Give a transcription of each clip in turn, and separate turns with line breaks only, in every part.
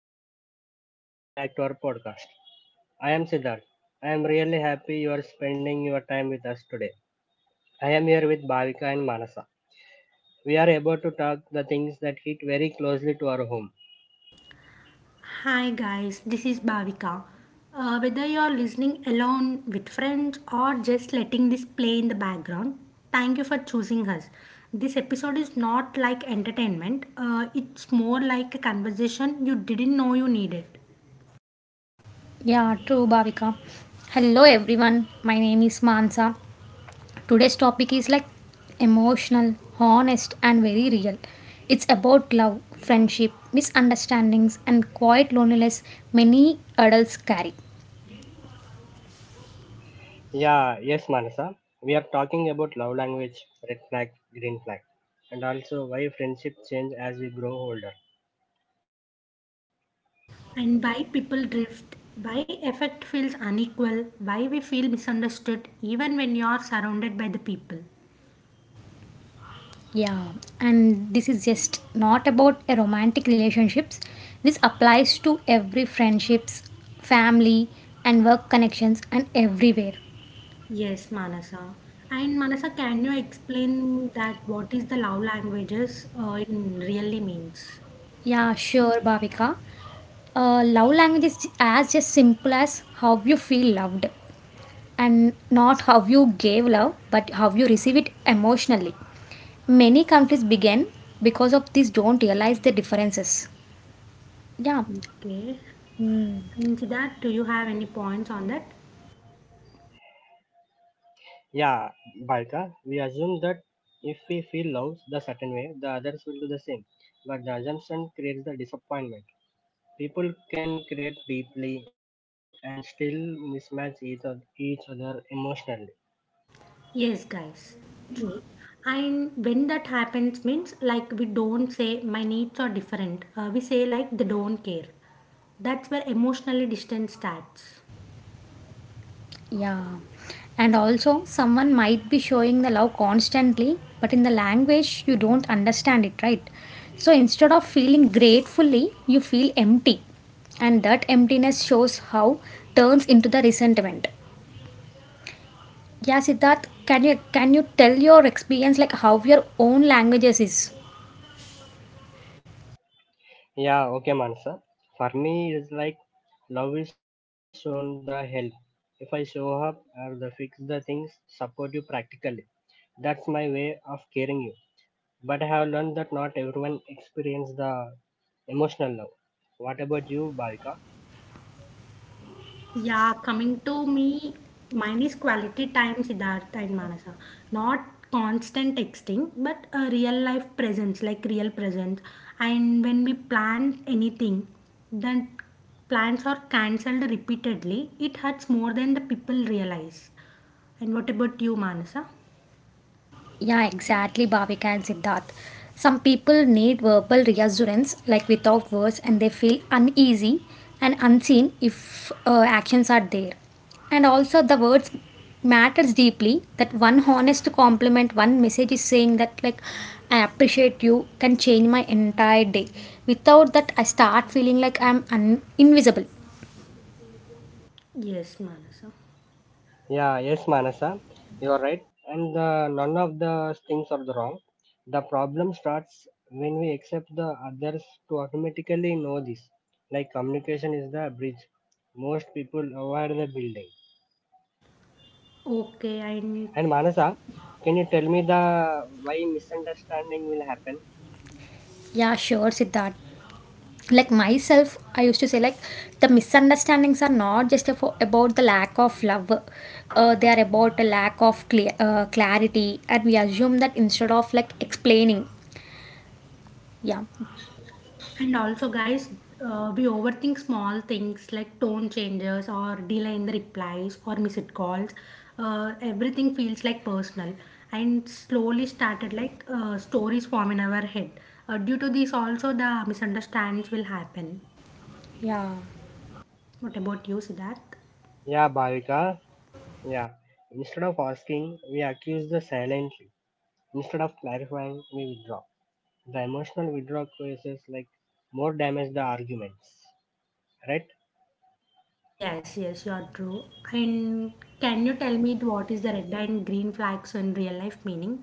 everyone, welcome back to our podcast. I am Siddharth. I am really happy you are spending your time with us today. I am here with Bhavika and Manasa. We are about to talk the things that hit very closely to our home.
Hi guys, this is Bhavika. Whether you're listening alone with friends or just letting this play in the background, thank you for choosing us. This episode is not like entertainment, it's more like a conversation you didn't know you needed.
Yeah, true, Bhavika. Hello, everyone. My name is Mansa. Today's topic is like emotional, honest, and very real. It's about love, friendship, misunderstandings, and quiet loneliness many adults carry.
Yeah, yes, Manasa. We are talking about love language, red flag, green flag, and also why friendship change as we grow older.
And why people drift, why effect feels unequal, why we feel misunderstood even when you are surrounded by the people.
Yeah, and this is just not about a romantic relationships. This applies to every friendships, family, and work connections, and everywhere.
Yes, Manasa. And Manasa, can you explain that what is the love languages it really means?
Yeah, sure, Bhavika. Love language is as just simple as how you feel loved and not how you gave love but how you receive it emotionally. Many conflicts begin because of this don't realize the differences. Yeah.
Okay. And that, do you have any points on that?
Yeah, Bhavika, we assume that if we feel love the certain way, the others will do the same. But the assumption creates the disappointment. People can create deeply and still mismatch each other emotionally.
Yes, guys. True. And when that happens means like we don't say my needs are different. We say like they don't care. That's where emotionally distance starts.
Yeah, and also someone might be showing the love constantly but in the language you don't understand it, right? So instead of feeling gratefully you feel empty, and that emptiness shows how turns into the resentment. Yeah, Siddharth, can you tell your experience like how your own languages is?
Yeah, okay, Mansa. For me, it's like love is shown the help. If I show up or the fix the things, support you practically. That's my way of caring you. But I have learned that not everyone experience the emotional love. What about you, Balika?
Yeah, coming to me, mine is quality time, Siddhartha and Manasa. Not constant texting, but a real life presence, like real presence. And when we plan anything, then plans are cancelled repeatedly. It hurts more than the people realize. And what about you, Manasa?
Yeah, exactly, Bhavika and Siddharth. Some people need verbal reassurance, like without words, and they feel uneasy and unseen if actions are there. And also, the words matters deeply. That one honest compliment, one message is saying that like I appreciate you can change my entire day. Without that, I start feeling like invisible.
Yes, Manasa.
Yeah, yes, Manasa, you are right. And none of the things are wrong. The problem starts when we accept the others to automatically know this. Like communication is the bridge. Most people avoid the building.
Okay,
And Manasa, can you tell me the why misunderstanding will happen?
Yeah, sure, Siddharth. Like myself, I used to say like the misunderstandings are not just about the lack of love. They are about a lack of clarity, and we assume that instead of like explaining. Yeah.
and also, guys, we overthink small things like tone changes or delay in the replies or missed calls. Everything feels like personal and slowly started like stories form in our head. Due to this, also the misunderstandings will happen.
Yeah.
What about you, Siddharth?
Yeah, Bhavika. Yeah. Instead of asking, we accuse the silently. Instead of clarifying, we withdraw. The emotional withdrawal causes like more damage the arguments. Right?
Yes, yes, you're true. And can you tell me what is the red and green flags in real life meaning?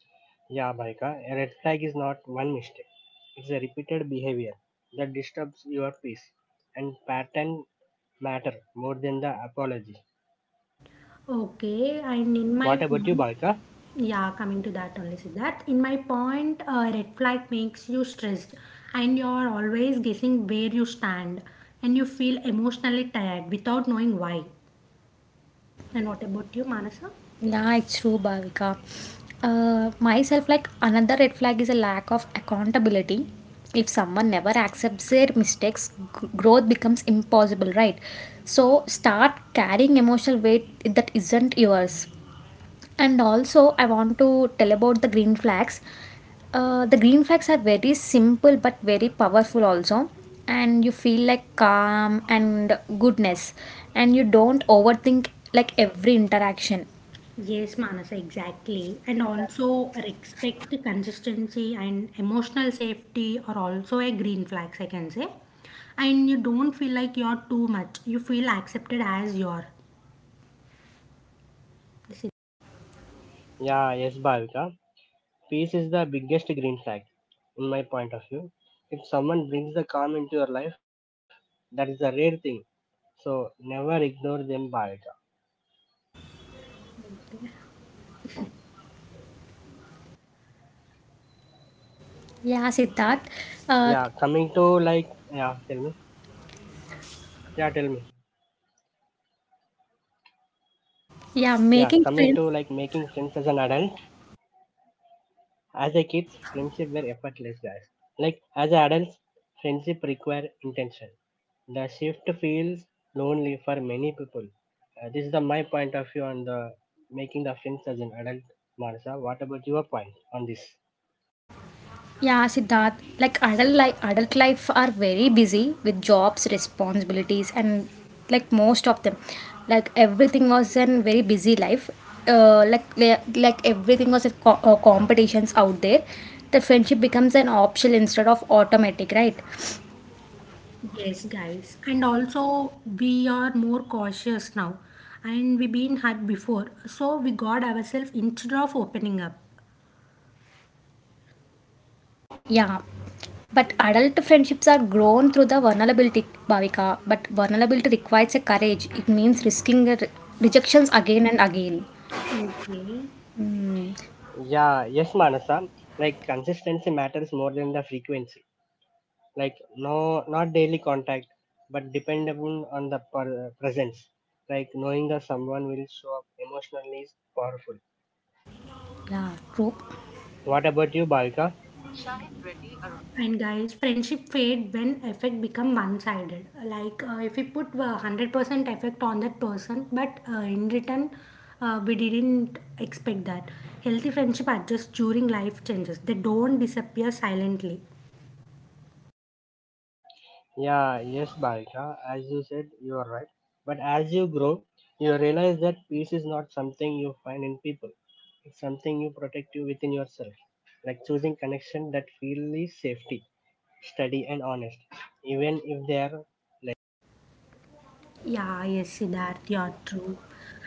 Yeah, Bhaika, a red flag is not one mistake. It's a repeated behavior that disturbs your peace, and pattern matter more than the apology.
Okay, and in
What
my
about you,
point,
Bhaika?
yeah, coming to that only, Siddharth. In my point, red flag makes you stressed, and you are always guessing where you stand, and you feel emotionally tired without knowing why. And what about you, Manasa?
Yeah, it's true, Bhavika. Myself, like another red flag is a lack of accountability. If someone never accepts their mistakes, growth becomes impossible, right? So start carrying emotional weight that isn't yours. And also, I want to tell about the green flags. The green flags are very simple but very powerful, also. And you feel like calm and goodness, and you don't overthink like every interaction.
Yes, Manasa, exactly. And also, respect, consistency, and emotional safety are also a green flags, I can say. And you don't feel like you're too much. You feel accepted as you are. This
Yeah, yes, Bhavika. Peace is the biggest green flag, in my point of view. If someone brings the calm into your life, that is a rare thing. So never ignore them, Bhavika.
Yeah, Siddharth. Uh,
Yeah, coming to like, yeah, tell me. Yeah, tell me. Yeah,
yeah,
coming
making
to like
friends.
making friends as an adult. As a kids, friendship were effortless, guys. Like as adults, friendship require intention. The shift feels lonely for many people. This is the my point of view on the making the friends as an adult, Manasa. What about your point on this?
Yeah, Siddharth, like adult life are very busy with jobs, responsibilities, and like most of them, like everything was a very busy life. Like like everything was a competitions out there. The friendship becomes an option instead of automatic, right?
Yes, guys. And also, we are more cautious now. And we been hurt before. So we got ourselves instead of opening up.
Yeah, but adult friendships are grown through the vulnerability, Bhavika. But vulnerability requires a courage. It means risking the rejections again and again.
Okay.
Yeah, yes, Manasa. Like consistency matters more than the frequency. Like no, not daily contact, but dependable on the presence. Like knowing that someone will show up emotionally is powerful.
Yeah, true.
What about you, Balika?
And guys, friendship fade when effect become one-sided. Like if we put 100% effect on that person, but in return, we didn't expect that. Healthy friendship adjusts during life changes. They don't disappear silently.
Yeah, yes, Balika, as you said, you are right. But as you grow, you realize that peace is not something you find in people, it's something you protect you within yourself, like choosing connection that feel the safety, steady, and honest, even if they are.
Yeah, yes, Siddharth, you're true.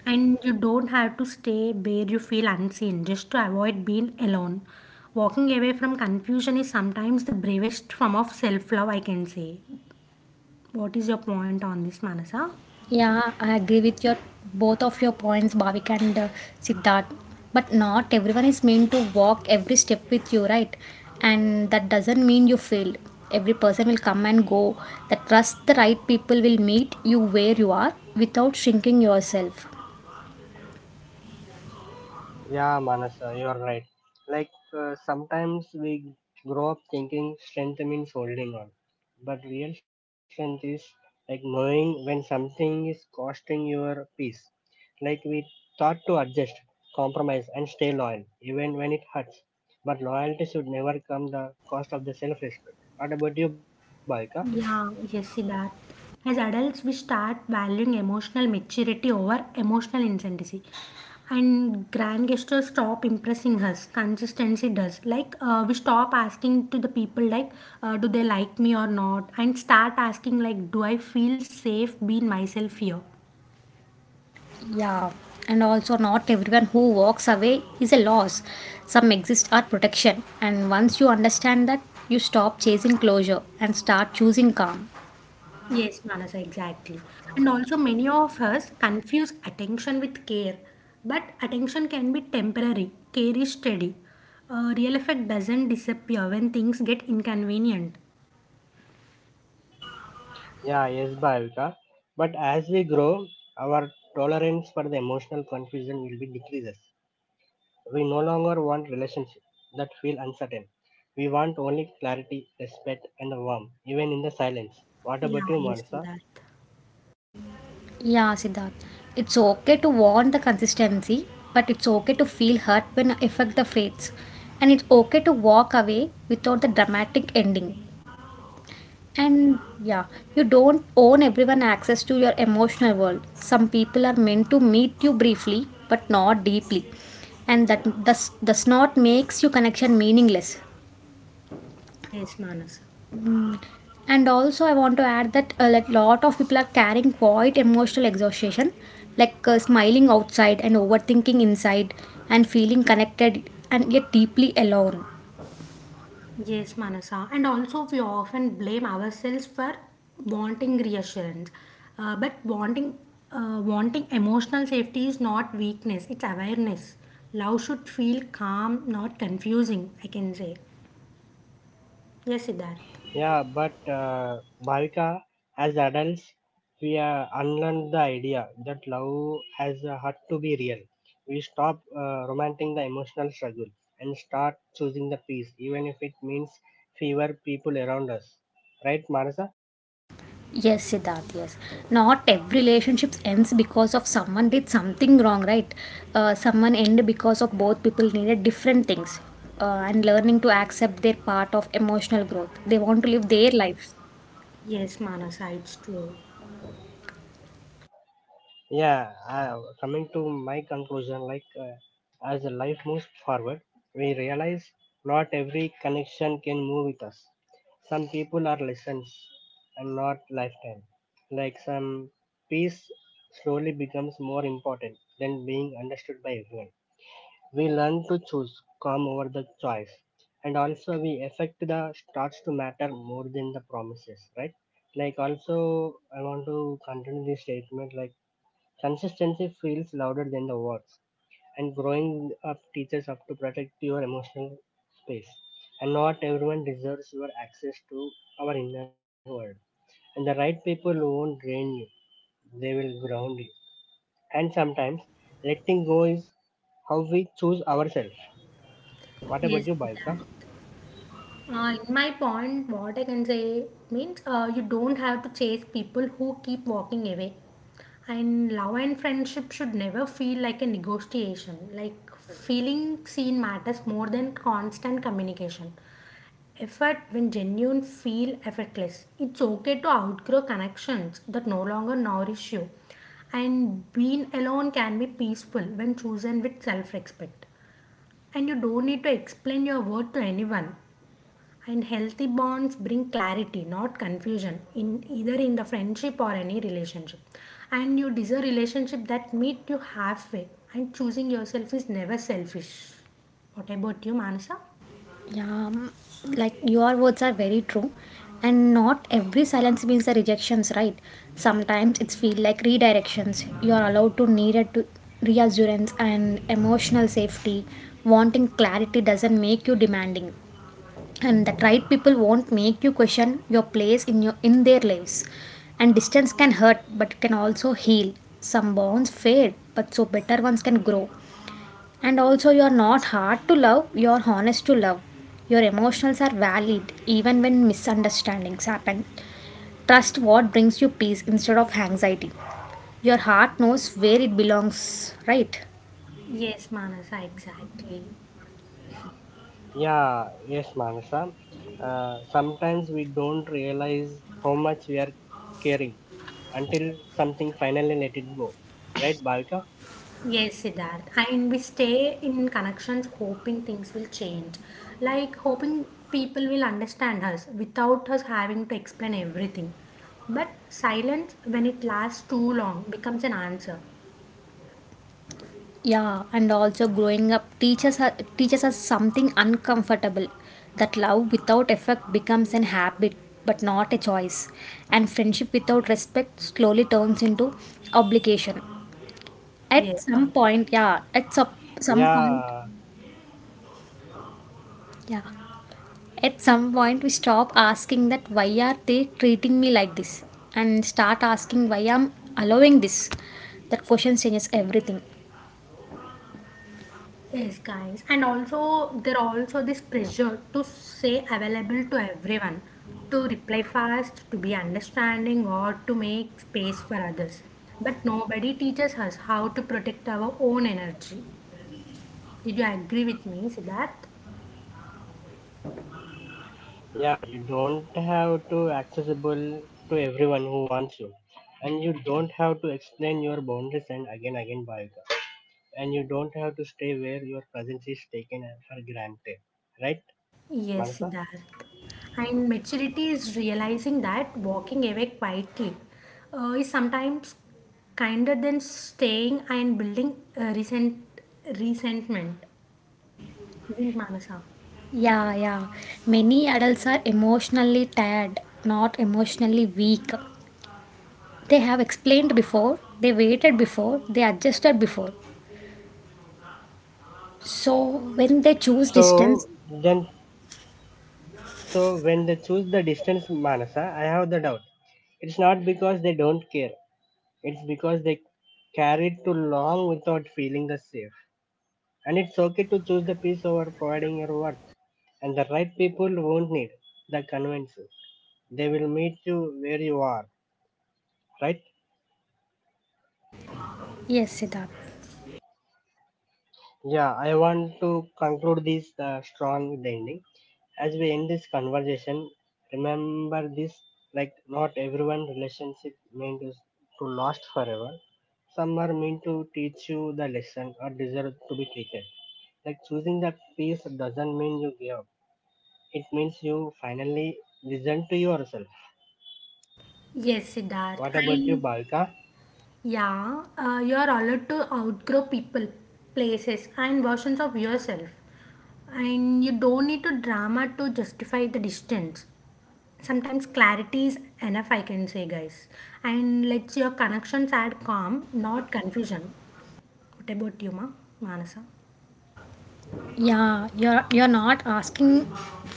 And you don't have to stay where you feel unseen just to avoid being alone. Walking away from confusion is sometimes the bravest form of self love, I can say. What is your point on this, Manasa?
Yeah, I agree with your both of your points, Bhavik and Siddharth. But not everyone is meant to walk every step with you, right? And that doesn't mean you failed. Every person will come and go. That trust the right people will meet you where you are without shrinking yourself.
Yeah, Manasa, you're right. Like sometimes we grow up thinking strength means holding on, but real strength is like knowing when something is costing your peace. Like we thought to adjust, compromise, and stay loyal even when it hurts. But loyalty should never come the cost of the self-respect. What about you, Bhavika?
Yeah, yes, see that. As adults, we start valuing emotional maturity over emotional incendiary. And grand gestures stop impressing us. Consistency does. Like, we stop asking to the people, like, do they like me or not? And start asking, like, do I feel safe being myself here?
Yeah, and also not everyone who walks away is a loss. Some exist are protection, and once you understand that, you stop chasing closure and start choosing calm.
Yes, Manasa, exactly. And also, many of us confuse attention with care, but attention can be temporary, care is steady. Real effect doesn't disappear when things get inconvenient.
Yeah, yes, Bhavika. But as we grow, our tolerance for the emotional confusion will be decreases. We no longer want relationships that feel uncertain. We want only clarity, respect, and warmth, even in the silence. What about
Yeah,
you,
yes,
Mansa?
that.
Yeah, Siddharth. It's okay to want the consistency, but it's okay to feel hurt when affect the fates. And it's okay to walk away without the dramatic ending. And yeah, you don't own everyone access to your emotional world. Some people are meant to meet you briefly, but not deeply. And that does not makes your connection meaningless.
Yes, Manasa.
And also, I want to add that a like, lot of people are carrying quite emotional exhaustion, like smiling outside and overthinking inside and feeling connected and yet deeply alone.
Yes, Manasa. And also, we often blame ourselves for wanting reassurance. But wanting, wanting emotional safety is not weakness, it's awareness. Love should feel calm, not confusing, I can say. Yes, Siddharth.
Yeah, but Bhavika, as adults, we unlearned the idea that love has had to be real. We stop romanting the emotional struggle and start choosing the peace, even if it means fewer people around us. Right, Manasa?
Yes, Siddharth, yes. Not every relationship ends because of someone did something wrong, right? Someone end because of both people needed different things. And learning to accept their part of emotional growth they want to live their lives.
Yes, Manasa, it's true.
Yeah, coming to my conclusion like as the life moves forward, we realize not every connection can move with us. Some people are lessons and not lifetime. Like some peace slowly becomes more important than being understood by everyone. We learn to choose calm over the choice, and also we affect the starts to matter more than the promises, right? Like also I want to continue this statement like consistency feels louder than the words, and growing up teaches up to protect your emotional space. And not everyone deserves your access to our inner world. And the right people won't drain you, they will ground you. And sometimes letting go is how we choose ourselves. What about you,
Yes,
Balka?
Siddharth. In my point, what I can say means you don't have to chase people who keep walking away. And love and friendship should never feel like a negotiation. Like feeling seen matters more than constant communication. Effort when genuine feel effortless. It's okay to outgrow connections that no longer nourish you. And being alone can be peaceful when chosen with self respect. And you don't need to explain your word to anyone. And healthy bonds bring clarity, not confusion, in either in the friendship or any relationship. And you deserve relationship that meet you halfway. And choosing yourself is never selfish. What about you, Manasa?
Yeah, mm, like your words are very true. And not every silence means a rejections, right? Sometimes it's feel like redirections. You are allowed to need it to reassurance and emotional safety. Wanting clarity doesn't make you demanding. And that right people won't make you question your place in their lives. And distance can hurt but can also heal. Some bonds fade, but so better ones can grow. And also, you're not hard to love, you're honest to love. Your emotions are valid even when misunderstandings happen. Trust what brings you peace instead of anxiety. Your heart knows where it belongs, right?
Yes, Manasa, exactly.
Yeah, yes, Manasa. Sometimes we don't realize how much we are caring until something finally let it go. Right, Balka?
Yes, Siddharth. And we stay in connections hoping things will change. Like hoping people will understand us without us having to explain everything. But silence, when it lasts too long, becomes an answer.
Yeah, and also growing up teaches us something uncomfortable that love without effect becomes an habit but not a choice, and friendship without respect slowly turns into obligation. At
Yes,
some
ma'am.
point, yeah, some point,
Yeah,
yeah. At some point, we stop asking that why are they treating me like this and start asking why I'm allowing this. That question changes everything.
Yes, guys. And also, there are also this pressure to say available to everyone, to reply fast, to be understanding, or to make space for others. But nobody teaches us how to protect our own energy. Did you agree with me, Siddharth?
yeah, you don't have to accessible to everyone who wants you. And you don't have to explain your boundaries and again again by, and you don't have to stay where your presence is taken for granted. Right,
Yes,
Manasa?
Siddharth. And maturity is realizing that walking away quietly is sometimes kinder than staying and building resentment. Isn't Manasa?
Yeah, yeah. Many adults are emotionally tired, not emotionally weak. They have explained before, they waited before, they adjusted before. So when they choose distance,
So then, so when they choose the distance Manasa, I have the doubt. It's not because they don't care. It's because they carried too long without feeling the safe. And it's okay to choose the peace over providing your worth. And the right people won't need the convinces. They will meet you where you are, right?
yes, Siddharth.
Yeah, I want to conclude this strong with the ending. As we end this conversation, remember this like not everyone relationship meant to last forever. Some are meant to teach you the lesson or deserve to be treated. Like choosing the peace doesn't mean you give up. It means you finally listen to yourself.
Yes, Siddharth.
What about you,
And
Balka?
yeah, you are allowed to outgrow people, places, and versions of yourself. And you don't need to drama to justify the distance. Sometimes clarity is enough, I can say, guys. And let's your connections add calm, not confusion. What about you, ma Manasa?
Yeah, you're not asking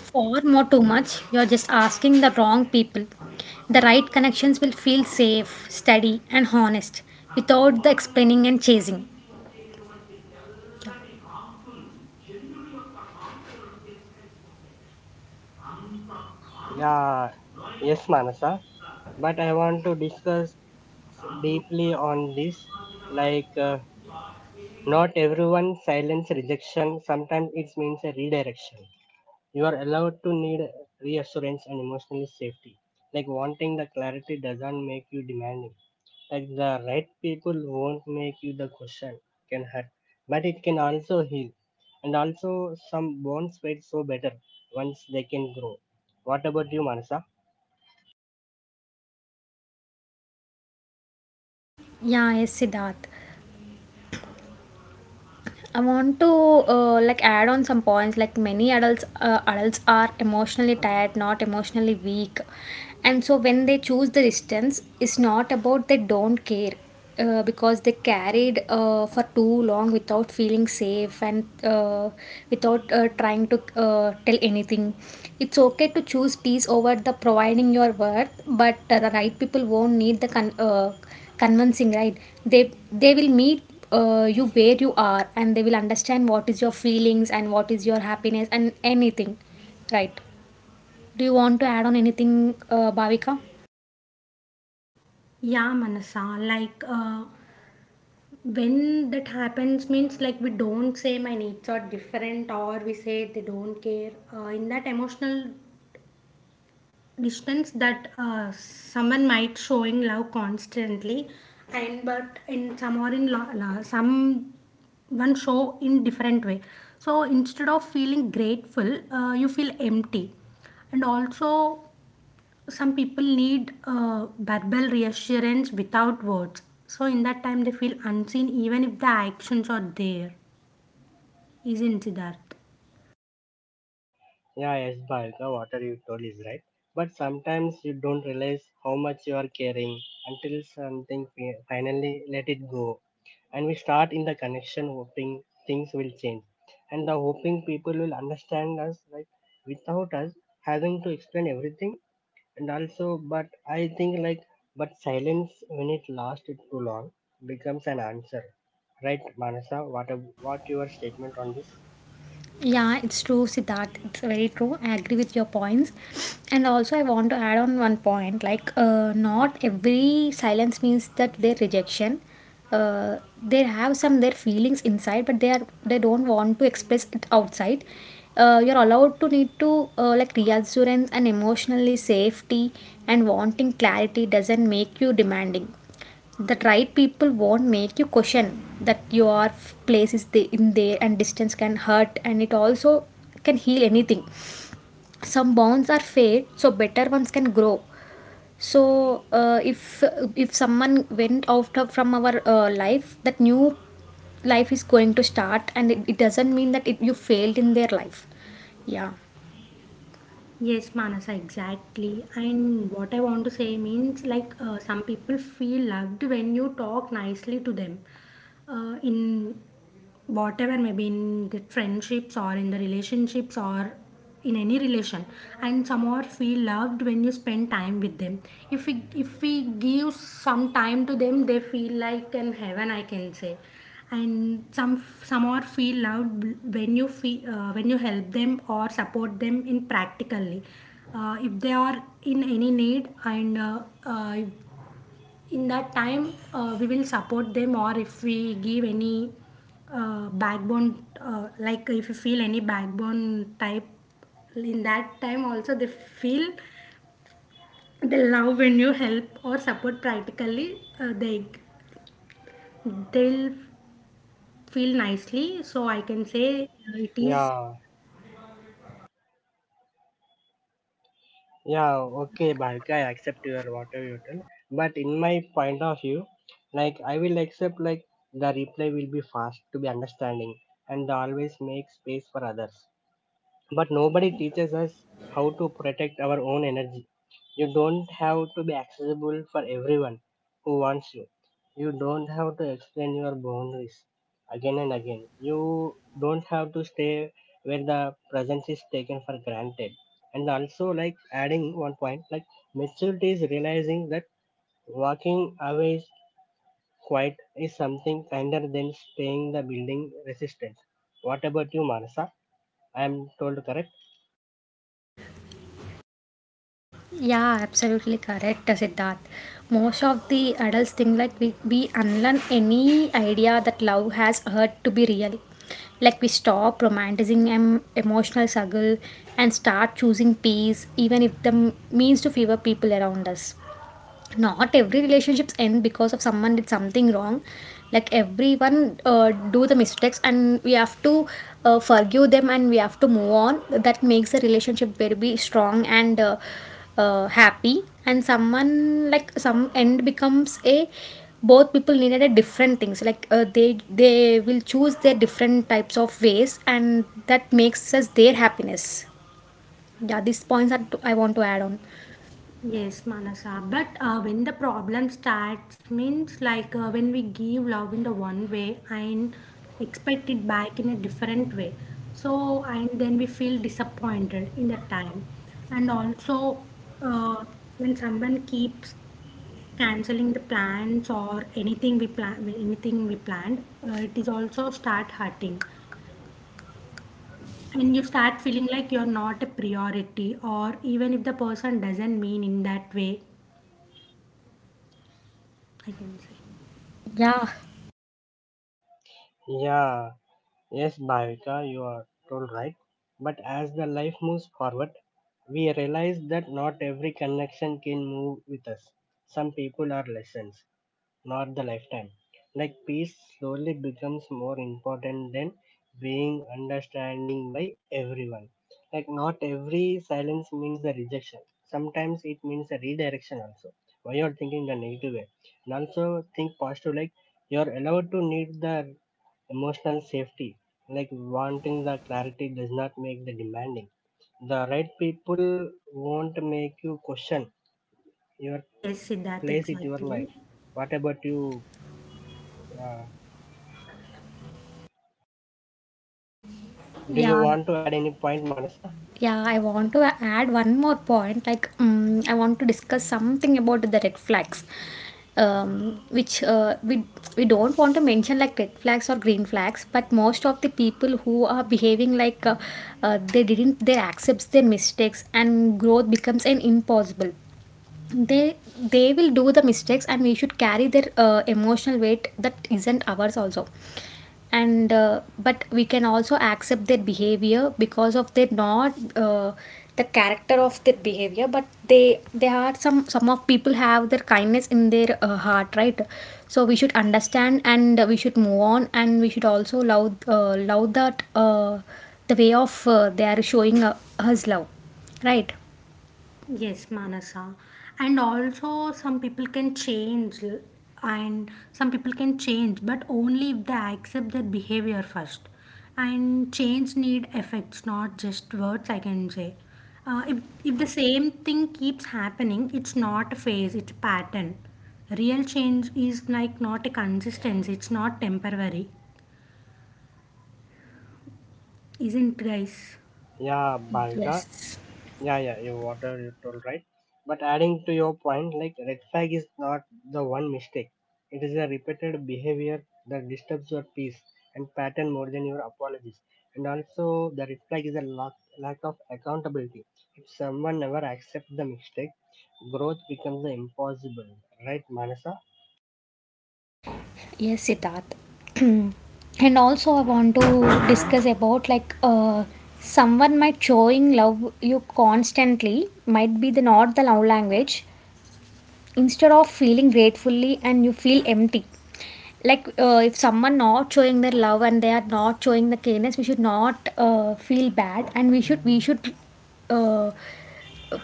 for more too much. You're just asking the wrong people. The right connections will feel safe, steady, and honest without the explaining and chasing.
Yeah, yes, Manasa. But I want to discuss deeply on this. Like, not everyone silence rejection. Sometimes it means a redirection. You are allowed to need reassurance and emotional safety. Like, wanting the clarity doesn't make you demanding. Like, the right people won't make you the question can hurt, but it can also heal. And also, some bones fade so better once they can grow. What about you, Manasa?
Yeah, yes, Siddharth. I want to like add on some points. Like many adults are emotionally tired, not emotionally weak, and so when they choose the distance, it's not about they don't care, because they carried for too long without feeling safe and without trying to tell anything. It's okay to choose peace over the providing your worth, but the right people won't need the convincing, right? They will meet you where you are and they will understand what is your feelings and what is your happiness and anything, right? Do you want to add on anything, Bhavika?
Yeah, Manasa, like when that happens means like we don't say my needs are different, or we say they don't care, in that emotional distance that someone might showing love constantly, and but in some or in some one show in different way. So instead of feeling grateful, you feel empty. And also, some people need verbal reassurance without words, so in that time they feel unseen even if the actions are there. Isn't Siddharth?
Yeah, yes, Bhavika, what are you told is right. But sometimes you don't realize how much you are caring until something finally let it go. And we start in the connection hoping things will change. And the hoping people will understand us like without us having to explain everything. And also, but I think like, but silence when it lasts too long becomes an answer. Right, Manasa, what what your statement on this?
Yeah, it's true, Siddharth. It's very true. I agree with your points. And also, I want to add on one point like, not every silence means that their rejection. They have some their feelings inside, but they don't want to express it outside. You're allowed to need to like reassurance and emotionally safety, and wanting clarity doesn't make you demanding. That right people won't make you question that your place in there, and distance can hurt and it also can heal anything. Some bonds are fade so better ones can grow. So if someone went from our life, that new life is going to start, and it doesn't mean that you failed in their life. Yeah.
Yes, Manasa, exactly. And what I want to say means like some people feel loved when you talk nicely to them, in whatever, maybe in the friendships or in the relationships or in any relation. And some are feel loved when you spend time with them. If we give some time to them, they feel like in heaven, I can say. And some are feel loved when you feel, when you help them or support them in practically, if they are in any need, and uh, in that time we will support them. Or if we give any backbone, like if you feel any backbone type, in that time also they feel they love when you help or support practically, they they'll feel nicely, so I can say. uh, it
Yeah,
is
yeah, okay, Bhavika, I accept your whatever you tell. But in my point of view, like I will accept like the reply will be fast to be understanding and always make space for others. But nobody teaches us how to protect our own energy. You don't have to be accessible for everyone who wants you. You don't have to explain your boundaries again and again. You don't have to stay where the presence is taken for granted. And also, like adding one point, like maturity is realizing that walking away is quite is something kinder than staying the building resistance. What about you, Marsa? I am told correct.
Yeah, absolutely correct, Siddharth. Most of the adults think like we unlearn any idea that love has hurt to be real. Like we stop romanticizing emotional struggle and start choosing peace, even if the means to favor people around us. Not every relationships end because of someone did something wrong, like everyone do the mistakes and we have to forgive them and we have to move on, that makes the relationship very be strong and happy. And someone like some end becomes a both people needed a different things, like they will choose their different types of ways and that makes us their happiness. Yeah, these points that I want to add on.
Yes, Manasa, but when the problem starts means like when we give love in the one way and expect it back in a different way, so and then we feel disappointed in the time. And also uh, when someone keeps canceling the plans or anything we plan, anything we planned, it is also start hurting. And you start feeling like you're not a priority, or even if the person doesn't mean in that way, I can say.
Yeah,
Yeah. Yes, Bhavika, you are told right. But as the life moves forward, we realize that not every connection can move with us. Some people are lessons, not the lifetime. Like peace slowly becomes more important than being understanding by everyone. Like not every silence means the rejection. Sometimes it means a redirection also. Why you are thinking the negative way. And also think positive like you are allowed to need the emotional safety, like wanting the clarity does not make the demanding. The right people won't make you question your
Yes, Siddharth,
place in your
exactly.
life. What about you? Uh, do
yeah.
you want to add any point, Manasa?
Yeah, I want to add one more point. Like, I want to discuss something about the red flags, which we don't want to mention like red flags or green flags. But most of the people who are behaving like they didn't, they accepts their mistakes, and growth becomes an impossible. They they will do the mistakes and we should carry their emotional weight that isn't ours also. And but we can also accept their behavior because of their not the character of their behavior, but they are some of people have their kindness in their heart, right? So we should understand and we should move on and we should also love that the way of they are showing us love, right?
Yes, Manasa. And also, some people can change, and some people can change, but only if they accept their behavior first. And change need effects, not just words, I can say. Uh, if, if the same thing keeps happening, it's not a phase, it's a pattern. Real change is like not a consistency, it's not temporary. Isn't, guys?
Yeah, Bhavika.
Yes.
Yeah, yeah, you whatever you told right. But adding to your point, like red flag is not the one mistake. It is a repeated behavior that disturbs your peace and pattern more than your apologies. And also, the red flag is a lack of accountability. If someone never accepts the mistake, growth becomes impossible, right, Manasa?
Yes, Siddharth. And also, I want to discuss about like someone might showing love you constantly might be the not the love language. Instead of feeling gratefully, and you feel empty. Like if someone not showing their love and they are not showing the kindness, we should not feel bad, and uh,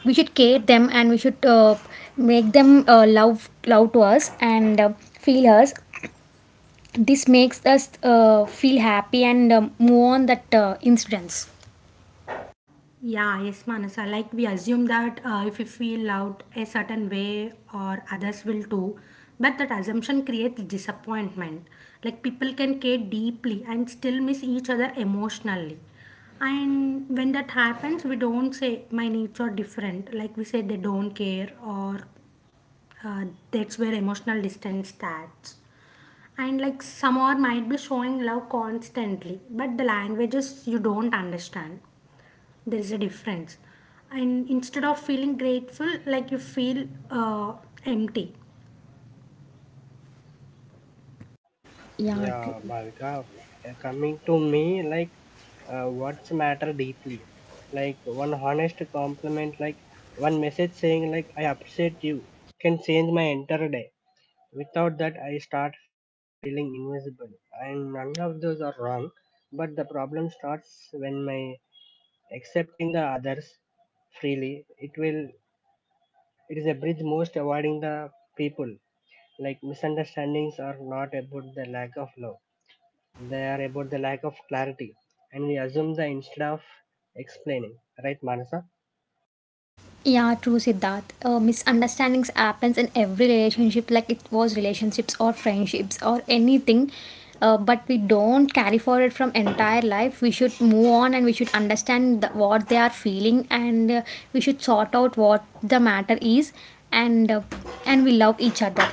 we should care them and we should make them love to us and feel us. This makes us feel happy, and move on that incidents.
Yeah, yes, Manasa. Like we assume that if we feel loud a certain way, or others will too. But that assumption creates disappointment. Like people can care deeply and still miss each other emotionally. And when that happens, we don't say my needs are different. Like we say they don't care, or uh, that's where emotional distance starts. And like some or might be showing love constantly, but the languages you don't understand, there is a difference. And instead of feeling grateful, like you feel empty.
Yeah, true.
Yeah, Bhavika. Coming to me, like what's matter deeply, like one honest compliment, like one message saying like I upset you can change my entire day. Without that I start feeling invisible, and none of those are wrong, but the problem starts when my accepting the others freely, it will, it is a bridge most avoiding the people. Like misunderstandings are not about the lack of love, they are about the lack of clarity, and we assume the instead of explaining, right, Manasa?
Yeah, true, Siddharth. Misunderstandings happens in every relationship, like it was relationships or friendships or anything. But we don't carry forward from entire life, we should move on and we should understand what they are feeling, and we should sort out what the matter is, and and we love each other.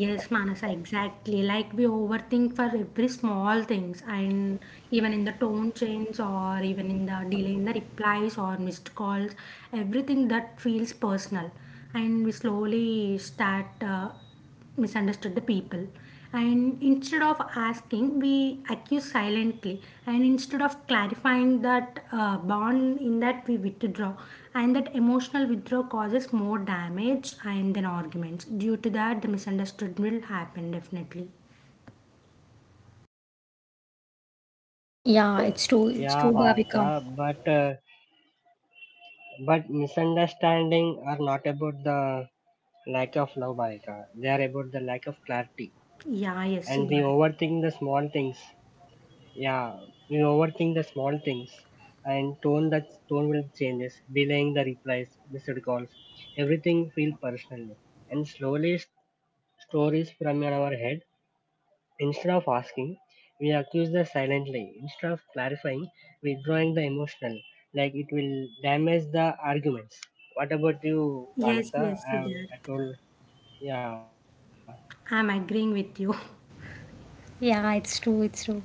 Yes, Manasa, exactly. Like we overthink for every small things, and even in the tone change, or even in the delay in the replies or missed calls, everything that feels personal. And we slowly start misunderstood the people. And instead of asking, we accuse silently, and instead of clarifying that bond, in that we withdraw. And that emotional withdrawal causes more damage and then arguments. Due to that, the misunderstood will happen definitely.
Yeah, it's true, it's true,
Yeah,
Bhavika.
Bhavika, but misunderstanding are not about the lack of love, Bhavika. They are about the lack of clarity,
Yeah, yes,
and we
Siddharth.
overthink the small things. Yeah, we overthink the small things, and tone that tone will changes, delaying the replies, missed calls, everything feel personal, and slowly stories from our head. Instead of asking, we accuse the silently. Instead of clarifying, withdrawing the emotional, like it will damage the arguments. What about you,
Yes,
Manasa?
yes,
I, have, I
Siddharth.
told, yeah,
I'm agreeing with you.
Yeah, it's true, it's true.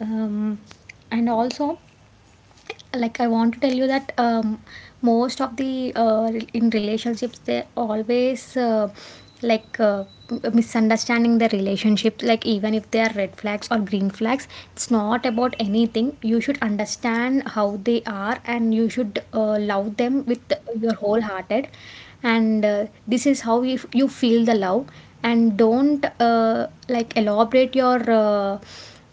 um, and also, like I want to tell you that most of the in relationships they always like misunderstanding the relationship, like even if they are red flags or green flags, it's not about anything. You should understand how they are and you should love them with your whole hearted, and this is how you feel the love. And don't like elaborate your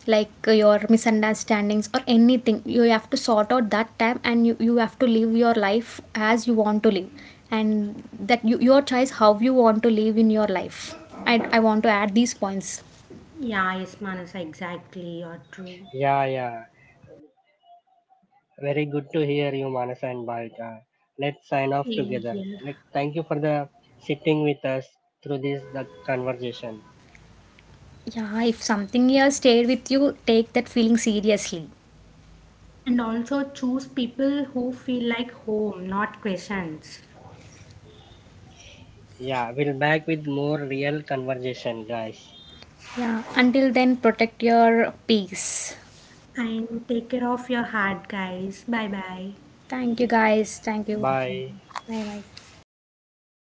like your misunderstandings or anything, you have to sort out that time, and you have to live your life as you want to live, and your choice how you want to live in your life. I want to add these points.
Yeah, yes, Manasa, exactly, you're true.
yeah, yeah. Very good to hear you, Manasa and Bhavika. Let's sign off
Same
together.
here.
Let, thank you for the sitting with us through this the conversation.
Yeah, if something here stayed with you, take that feeling seriously.
And also choose people who feel like home, not questions.
Yeah, we'll back with more real conversation, guys.
Yeah, until then, protect your peace.
And take care of your heart, guys. Bye bye.
Thank you, guys, thank you.
Bye.
Bye bye.